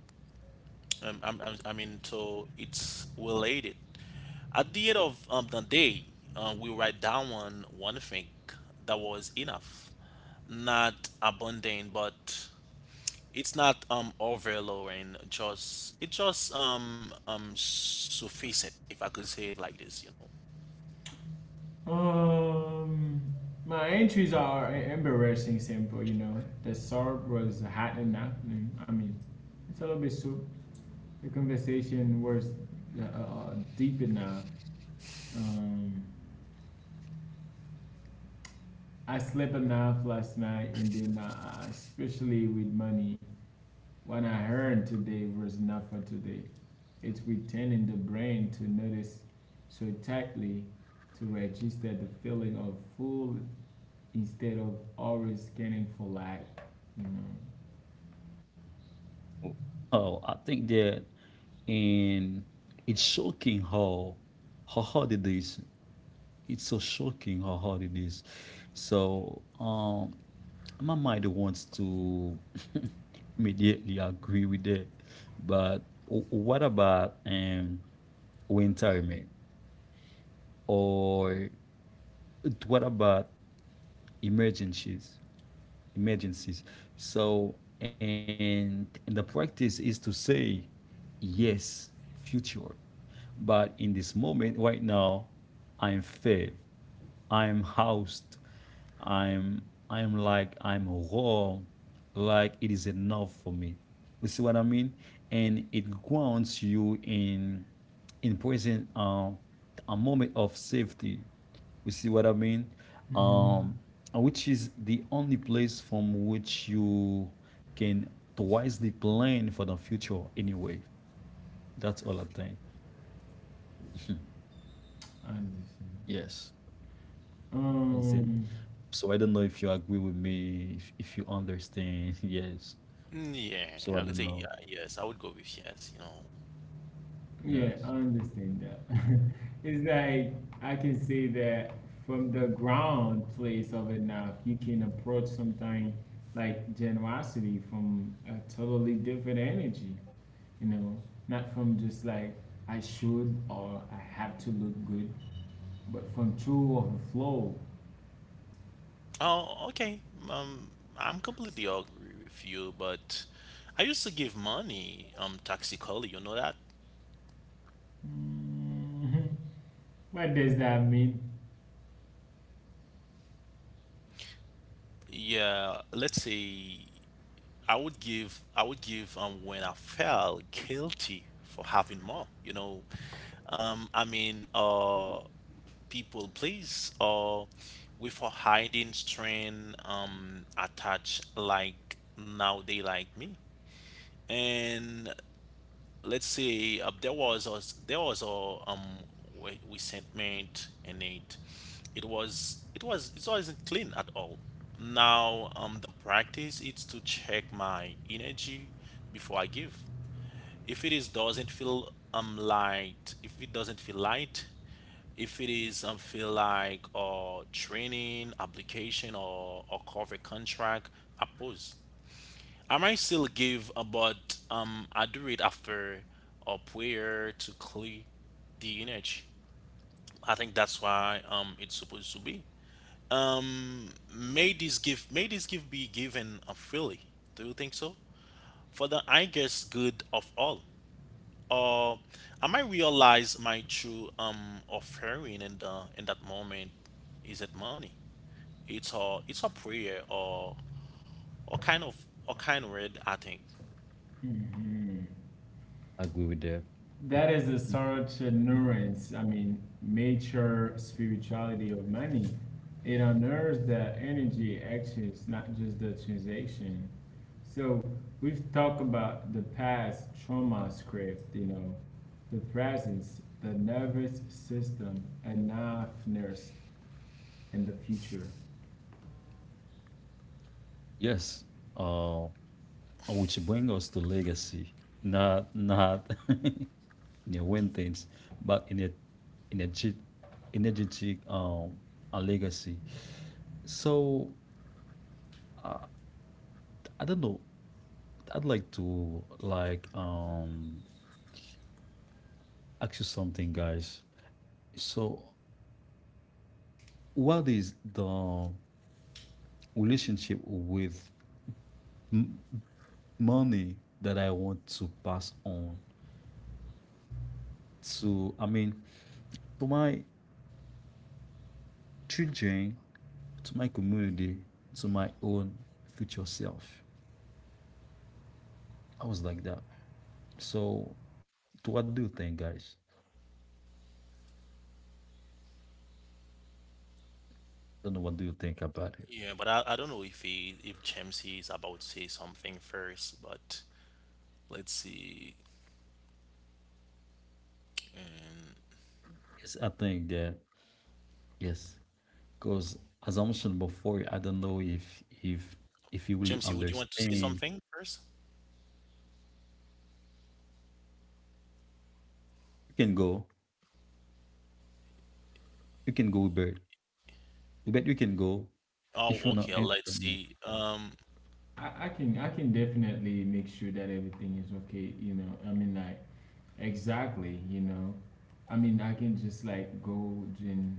S3: I'm, I mean, so it's related. At the end of, the day, we write down one thing that was enough, not abundant, but it's not overlowing. Just it just sufficient, if I could say it like this.
S1: Um, my entries are embarrassing simple. You know, the syrup was hot enough. I mean, it's a little bit soup. The conversation was deep enough. Um, I slept enough last night, and then, especially with money, what I heard today was enough for today. It's returning the brain to notice so tightly, to register the feeling of full instead of always scanning for lack, you know.
S2: oh, I think that, and it's shocking how hard it is. It's so shocking how hard it is. So my mind wants to immediately agree with that. But what about retirement or what about emergencies? Emergencies. So and the practice is to say yes, future. But in this moment right now, I'm fair. I'm housed. I'm I'm like I'm raw, like it is enough for me. You see what I mean? And it grounds you in present a moment of safety. You see what I mean? Um,
S1: Mm-hmm.
S2: which is the only place from which you can wisely plan for the future anyway. That's all I think.
S1: I understand.
S2: Yes. Is it?
S1: Um,
S2: So I don't know if you agree with me, if you understand. Yes.
S3: Mm, yeah,
S2: So
S3: I
S2: I
S3: could
S2: don't
S3: say
S2: know.
S3: yeah, yes. I would go with yes,
S1: yeah, I
S2: Yes.
S1: understand that. It's like I can say that from the ground place of it now, if you can approach something like generosity from a totally different energy, you know, not from just like I should or I have to look good, but from true overflow.
S3: Oh, okay. Um, I'm completely agree with you, but I used to give money taxi collie, you know that?
S1: Mhm. What does that mean?
S3: Yeah, let's say, I would give when I felt guilty for having more, I mean, people please, or with a hiding strain attached, like now they like me. And let's say, there was a we sent mate in it. It was it was it wasn't clean at all. Now, the practice is to check my energy before I give. If it is doesn't feel light, if it doesn't feel light, if it is, feel like or training application or cover contract, I pause. I might still give, about, I do it after a prayer to clear the energy. I think that's why it's supposed to be. May this gift be given, freely. Do you think so? For the, I guess, good of all. Or I might realize my true offering in the in that moment. Is it money? It's a prayer, or kind of, or kind word, I think.
S1: Mhm.
S2: I agree with that.
S1: That is a such a nuance. I mean, mature spirituality of money. It honors the energy actions, not just the transaction. So we've talked about the past trauma script, you know, the presence, the nervous system, enoughness, and the future.
S2: Yes. Uh, which bring us to legacy, not not you know, win things, but in a energetic, energetic a legacy. So uh, I don't know. I'd like to like ask you something, guys. So what is the relationship with m- money that I want to pass on to, I mean, to my children, to my community, to my own future self. I was like that. So, what do you think, guys?
S1: Hmm. I understand that. And you
S2: Don't know
S1: you
S2: what do you think
S1: definitely
S2: about it.
S1: right.
S3: Yeah,
S1: I
S3: but I,
S1: heard
S3: I don't know
S1: that
S3: if
S1: too. You
S3: he if
S1: know,
S3: Jamesy is about to say
S1: that you
S3: something
S1: just came to
S3: first,
S1: say
S3: but
S1: that to,
S3: let's see.
S1: the about your community. It definitely,
S3: Um,
S1: makes
S2: Yes, I
S1: sense to me.
S2: think that
S1: Okay,
S2: yes, because
S1: I,
S2: as I mentioned
S1: I can
S2: before, I
S1: say
S2: don't know
S1: that
S2: if
S1: you
S2: you
S1: you
S2: really
S3: Jamesy,
S1: were
S3: would you want to say
S1: definitely
S2: understand.
S3: something
S1: right.
S3: first?
S1: Okay, I can just like go ahead and
S2: You can
S1: make it
S2: go.
S1: simple
S2: You can
S1: and
S2: go,
S1: make it
S2: Bert.
S1: that our listeners
S2: But you can
S1: understand
S2: go
S1: them to
S3: Oh,
S2: if
S1: us,
S2: you wanna
S3: okay. Let's
S2: answer me.
S3: see.
S1: and then
S2: Yes.
S1: I can definitely make sure that everything is okay, you know. I mean like exactly, you know. I mean I can just like go and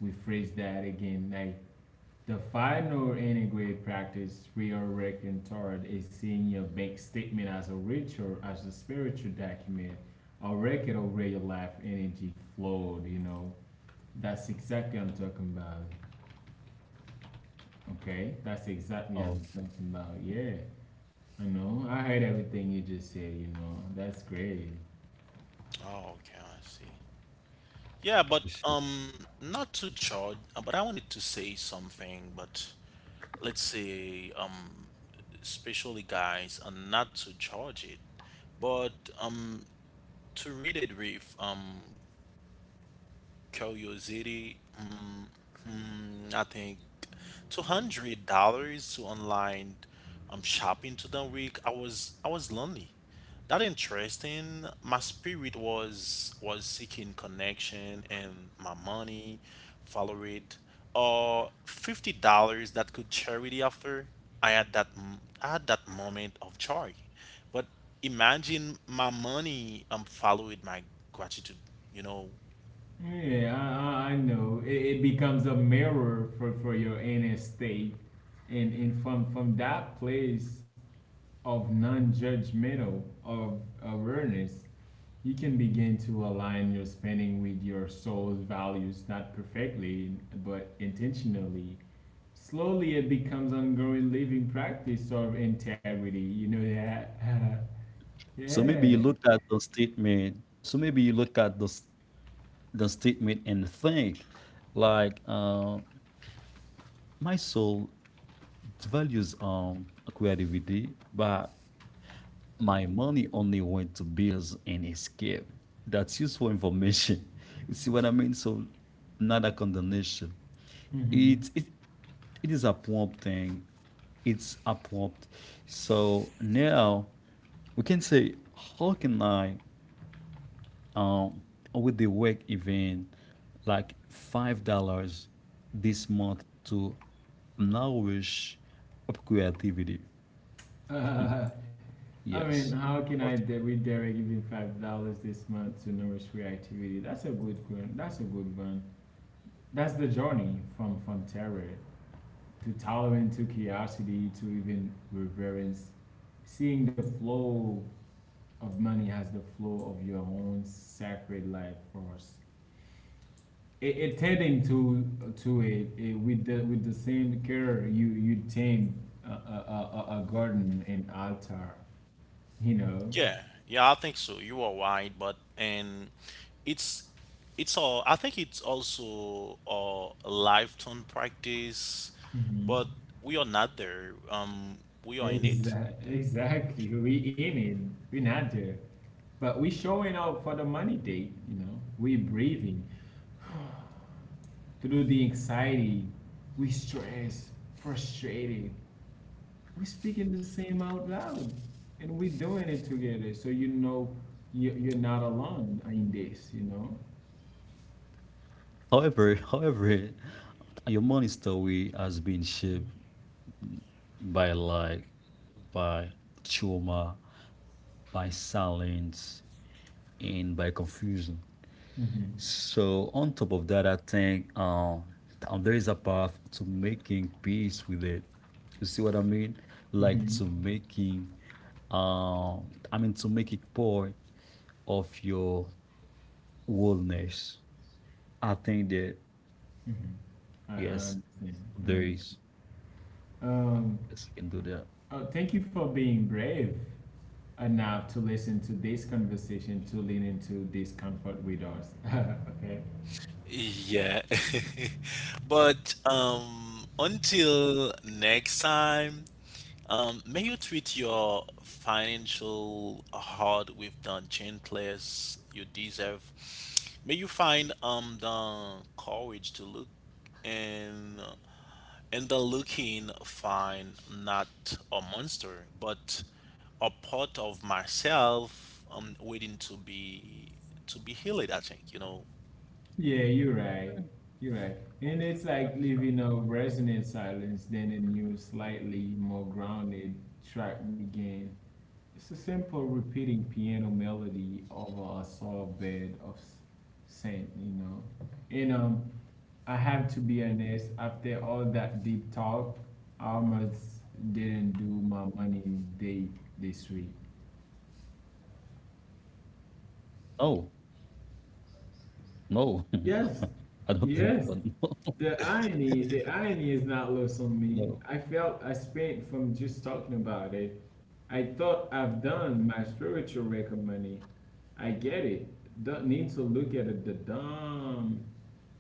S1: rephrase that again. Like the final integrate practice we are working toward is seeing your bank statement as a ritual, as a spiritual document, a record of where your life energy flowed, you know. That's exactly I'm talking about. Okay? That's exactly I'm
S2: Oh,
S1: talking about, yeah. I know. I heard everything you just said, you know. That's great.
S3: Oh, okay. I see. Yeah, but
S2: appreciate.
S3: not to judge, but I wanted to say something. But let's say, especially guys, and not to judge it, but um, to read it with curiosity. I think $200 to online shopping to the week. I was lonely. That interesting. My spirit was seeking connection, and my money followed it. Or $50 that could charity after. I had that moment of joy, but imagine my money followed my gratitude. You know,
S1: Yeah, I know. It becomes a mirror for your inner state. And, from that place of non judgmental, of awareness, you can begin to align your spending with your soul's values, not perfectly, but intentionally. Slowly, it becomes ongoing living practice of integrity. You know that?
S2: So maybe
S1: Yeah.
S2: you look at the statement. So maybe you look at the the statement and think, like, my soul values creativity, but my money only went to bills and escape. That's useful information. You see what I mean? So not a condemnation.
S1: Hmm.
S2: It it it is a prompt thing. It's a prompt. So now we can say, how can I? Um, with the work event like $5 this month to nourish up creativity.
S1: Uh, I mean,
S2: Yes.
S1: how can I redirect even $5 this month to nourish creativity? That's a good one. That's a good one. That's the journey from terror to tolerance to curiosity to even reverence. Seeing the flow of money as the flow of your own sacred life force. It tending to it with the same care you tend a garden and altar. You know.
S3: Yeah, yeah, I think so. You are right, but and it's it's all. I think it's also a lifetime practice,
S1: Hmm.
S3: but we are not there. We are in it.
S1: Exactly. Exactly. We in it. We not there. But we showing up for the money date, you know. We breathing through the anxiety. We stress, frustrated. We speaking the same out loud. And we doing it together. So you know, you're not alone in this, you know?
S2: However, however, your money story has been shaped by like by trauma, by silence, and by confusion.
S1: Mm-hmm.
S2: So on top of that, I think there is a path to making peace with it. You see what I mean? Like
S1: Mm-hmm.
S2: to making, I mean to make it part of your wellness. I think that
S1: Mm-hmm. I
S2: yes,
S1: understand. I
S2: there
S1: understand.
S2: is.
S1: Um,
S2: Yes, you can do that.
S1: oh, thank you for being brave enough to listen to this conversation, to lean into discomfort with us. Okay.
S3: Yeah. But until next time, may you treat your financial hard with the gentleness you deserve. May you find the courage to look, and and the looking find, not a monster, but a part of myself waiting to be healed, I think.
S1: Yeah, you're right. You're right. And it's like living a resonant silence, then a new, slightly more grounded track began. It's a simple repeating piano melody over a soft bed of sand, And I have to be honest, after all that deep talk, I almost didn't do my money date this week.
S2: No, no,
S1: Yes,
S2: I don't think so.
S1: yes. The irony is not lost on me.
S2: No,
S1: I felt I spent from just talking about it. I thought I've done my spiritual record money. I get it. Don't need to look at it, the dumb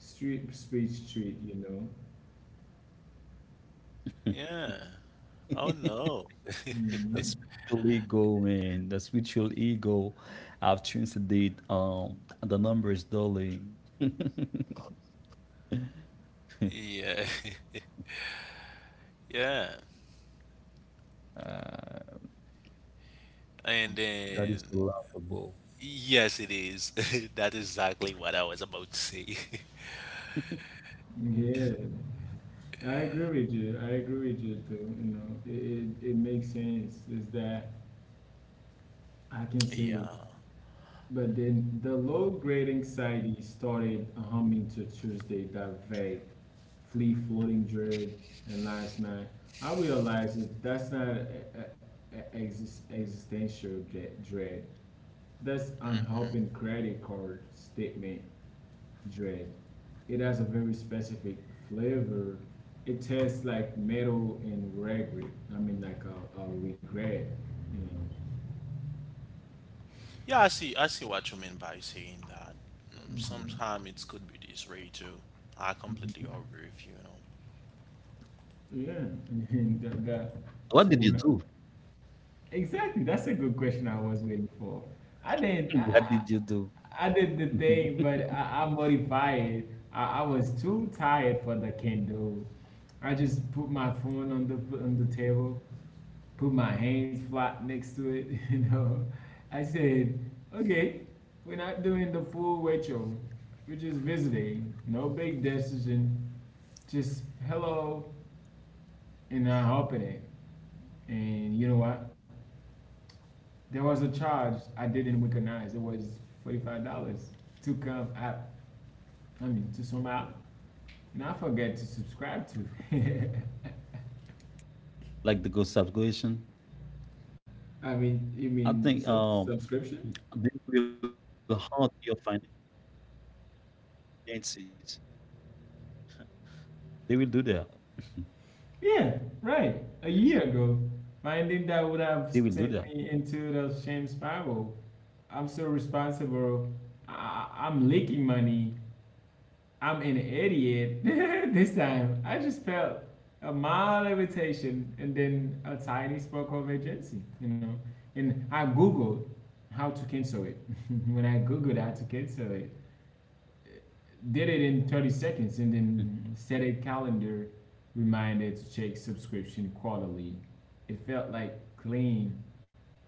S1: street speech treat,
S3: Yeah. Oh
S2: no.
S3: no.
S2: The
S1: Hmm.
S2: spiritual ego, man. The spiritual ego. I've changed the the numbers daily.
S3: Yeah. Yeah.
S2: Uh,
S3: And
S2: that
S3: then,
S2: is laughable.
S3: yes, it is. That is exactly what I was about to say.
S1: Yeah, I agree with you. I agree with you too. It makes sense. Is that I can say.
S3: Yeah.
S1: But then the low grade anxiety started humming to Tuesday, that vague, flea floating dread, and last night I realized that that's not a, a exis- existential dread. That's unhelping
S3: Hmm.
S1: credit card statement dread. It has a very specific flavor. It tastes like metal and regret. I mean, like a regret, you know.
S3: Yeah, I see what you mean by saying that.
S1: Mhm.
S3: Sometimes it could be this way too. I completely agree with you, you know.
S1: Yeah, and that
S2: What
S1: so
S2: did you
S1: when I,
S2: do?
S1: exactly. That's a good question I was waiting for. I did
S2: What
S1: I,
S2: did you do?
S1: I did the thing, but I'm modified. I was too tired for the Kindle. I just put my phone on the table, put my hands flat next to it, I said, okay, we're not doing the full ritual. We're just visiting. No big decision. Just hello, and I'm hopping it. And you know what? There was a charge I didn't recognize. It was $45 to come app. I mean, to some app, and I forget to subscribe to.
S2: Like the good subscription?
S1: I mean, you
S2: I
S1: mean
S2: think
S1: subscription?
S2: they will hurt your finances. They will do that. Yes,
S1: Yeah, right.
S2: they
S1: A
S2: will do
S1: year
S2: that.
S1: ago, finding that would have sent me into the shame spiral. I'm so responsible. I- I'm leaking money. I'm an idiot. this time, I just felt a mild irritation, and then a tiny spark of agency, And I Googled how to cancel it. when I Googled how to cancel it, did it in 30 seconds, and then set a calendar reminder to check subscription quarterly. It felt like clean,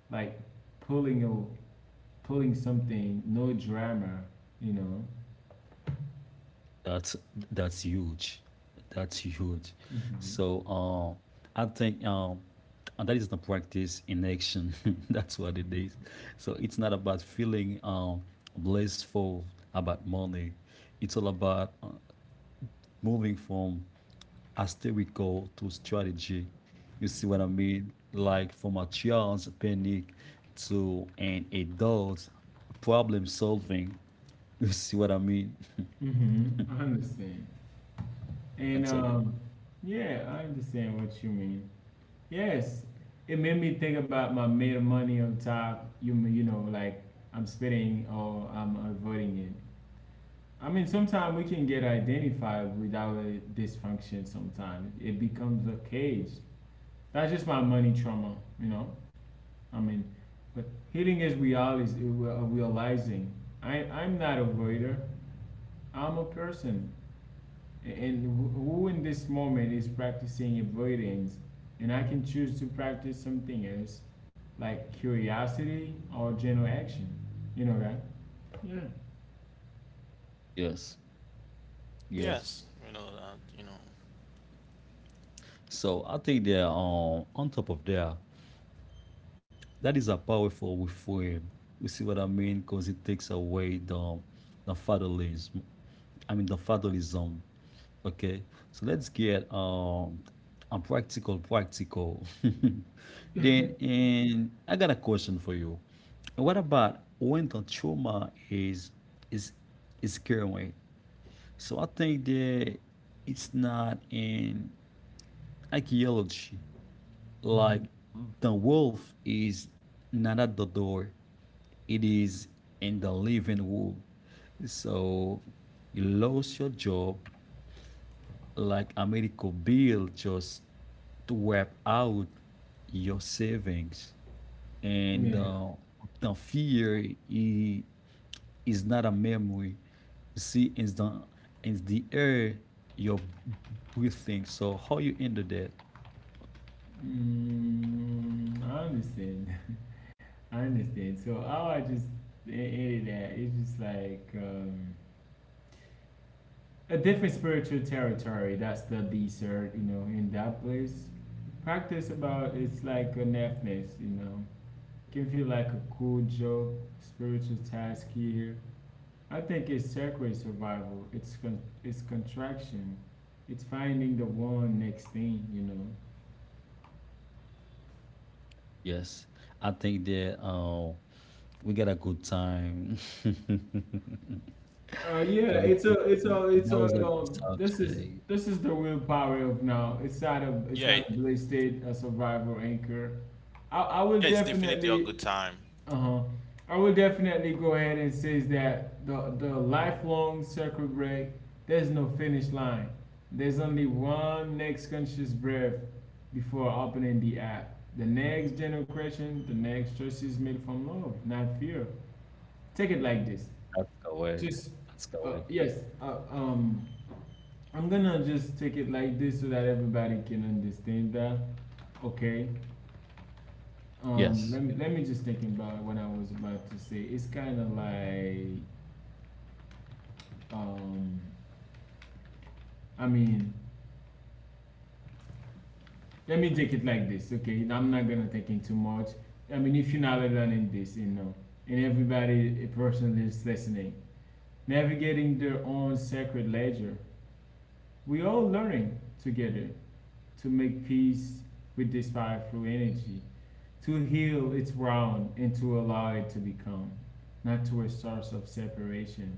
S1: like pulling a, pulling something, no drama, you know.
S2: That's huge. That's huge.
S1: Hmm.
S2: So I think and that is the practice in action. That's what it is. So it's not about feeling blissful about money. It's all about moving from hysterical to strategy. You see what I mean? Like from a child's panic to an adult problem solving. You see what I mean?
S1: Hmm. I understand. And
S2: That's what it.
S1: yeah, I understand what you mean. Yes, it made me think about my made of money on top. You mean, like I'm spitting, or I'm avoiding it. I mean, sometimes we can get identified with our dysfunction. Sometimes it becomes a cage. That's just my money trauma, you know. I mean, but healing is is realizing I 'm not a voider. I'm a person. And who in this moment is practicing avoidance? And I can choose to practice something else, like curiosity or general action. You know that? Yeah.
S2: Yes. Yes.
S3: Yes, you know that,
S2: So I think they're on top of there. That is a powerful refrain. You see what I mean? Because it takes away the fatherlism. I mean the fatherlism. Okay. So let's get a practical practical. Then and I got a question for you. What about when the trauma is is current? So I think that it's not an archaeology.
S1: Mm-hmm.
S2: Like the wolf is not at the door, it is in the living room. So you lost your job like a medical bill just to wipe out your savings. And
S1: Yeah.
S2: the fear is not a memory. You see, it's the air you're breathing. So how you ended that?
S1: Mm, I understand. I understand. So how I just ended that, it's just like a different spiritual territory. That's the desert, in that place. Practice about it's like a nephness, Give you like a cool joke, spiritual task here. I think it's sacred survival. It's it's contraction. It's finding the one next thing,
S2: Yes, I think that we got a good time.
S1: Yeah, it's
S2: Everything
S1: a, it's a, it's
S2: that was a
S1: a.
S2: good subject.
S1: This is the real power of now. It's
S3: Yeah,
S1: not a blasted a survival anchor. I will
S3: yeah, it's definitely a
S1: definitely,
S3: good time.
S1: uh huh. I will definitely go ahead and say that the lifelong circuit break. There's no finish line. There's only one next conscious breath before opening the app. The next generation, the next choice is made from love, not fear. Take it like this.
S2: That's correct.
S1: Just
S2: That's correct.
S1: yes, I'm gonna just take it like this so that everybody can understand that. Okay.
S2: Yes.
S1: Let me just think about what I was about to say. It's kind of like, um, I mean, let me take it like this. Okay, I'm not gonna take in too much. I mean, if you're not learning this, and everybody, a person is listening, navigating their own sacred ledger. We all learning together, to make peace with this fire through energy, to heal its wound and to allow it to become, not to a source of separation,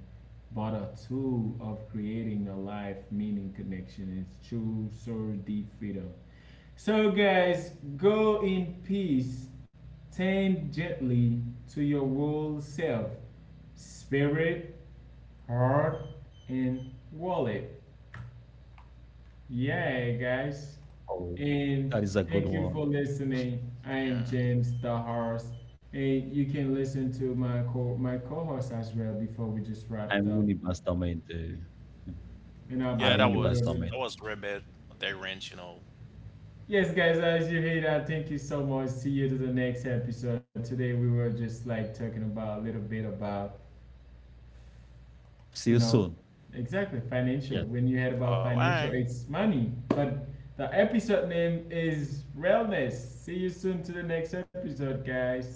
S1: but a tool of creating a life meaning connection, its true soul deep freedom. So guys, go in peace, tend gently to your whole self, spirit, heart, and wallet. Yeah, guys.
S2: Oh, that is a
S1: And
S2: good
S1: thank
S2: one.
S1: you for listening. I am
S3: Yeah.
S1: James the horse, and you can listen to my co my co-host as well before we just
S2: I'm
S1: wrapped
S2: Winnie
S1: up.
S2: Bastamente.
S1: And how
S2: I'm Winnie
S3: Yeah,
S1: about
S3: that
S1: you,
S3: was
S2: Bastamente.
S1: Robin?
S3: that was Rebel They Ranch,
S1: Yes, guys. As you hear that, thank you so much. See you to the next episode. Today we were just like talking about a little bit about
S2: See you
S1: you know
S2: soon.
S1: exactly
S2: Yes.
S1: financial. When you heard
S3: Uh,
S1: about
S3: all
S1: financial,
S3: right.
S1: it's money, but the episode name is realness. See you soon to the next episode, guys.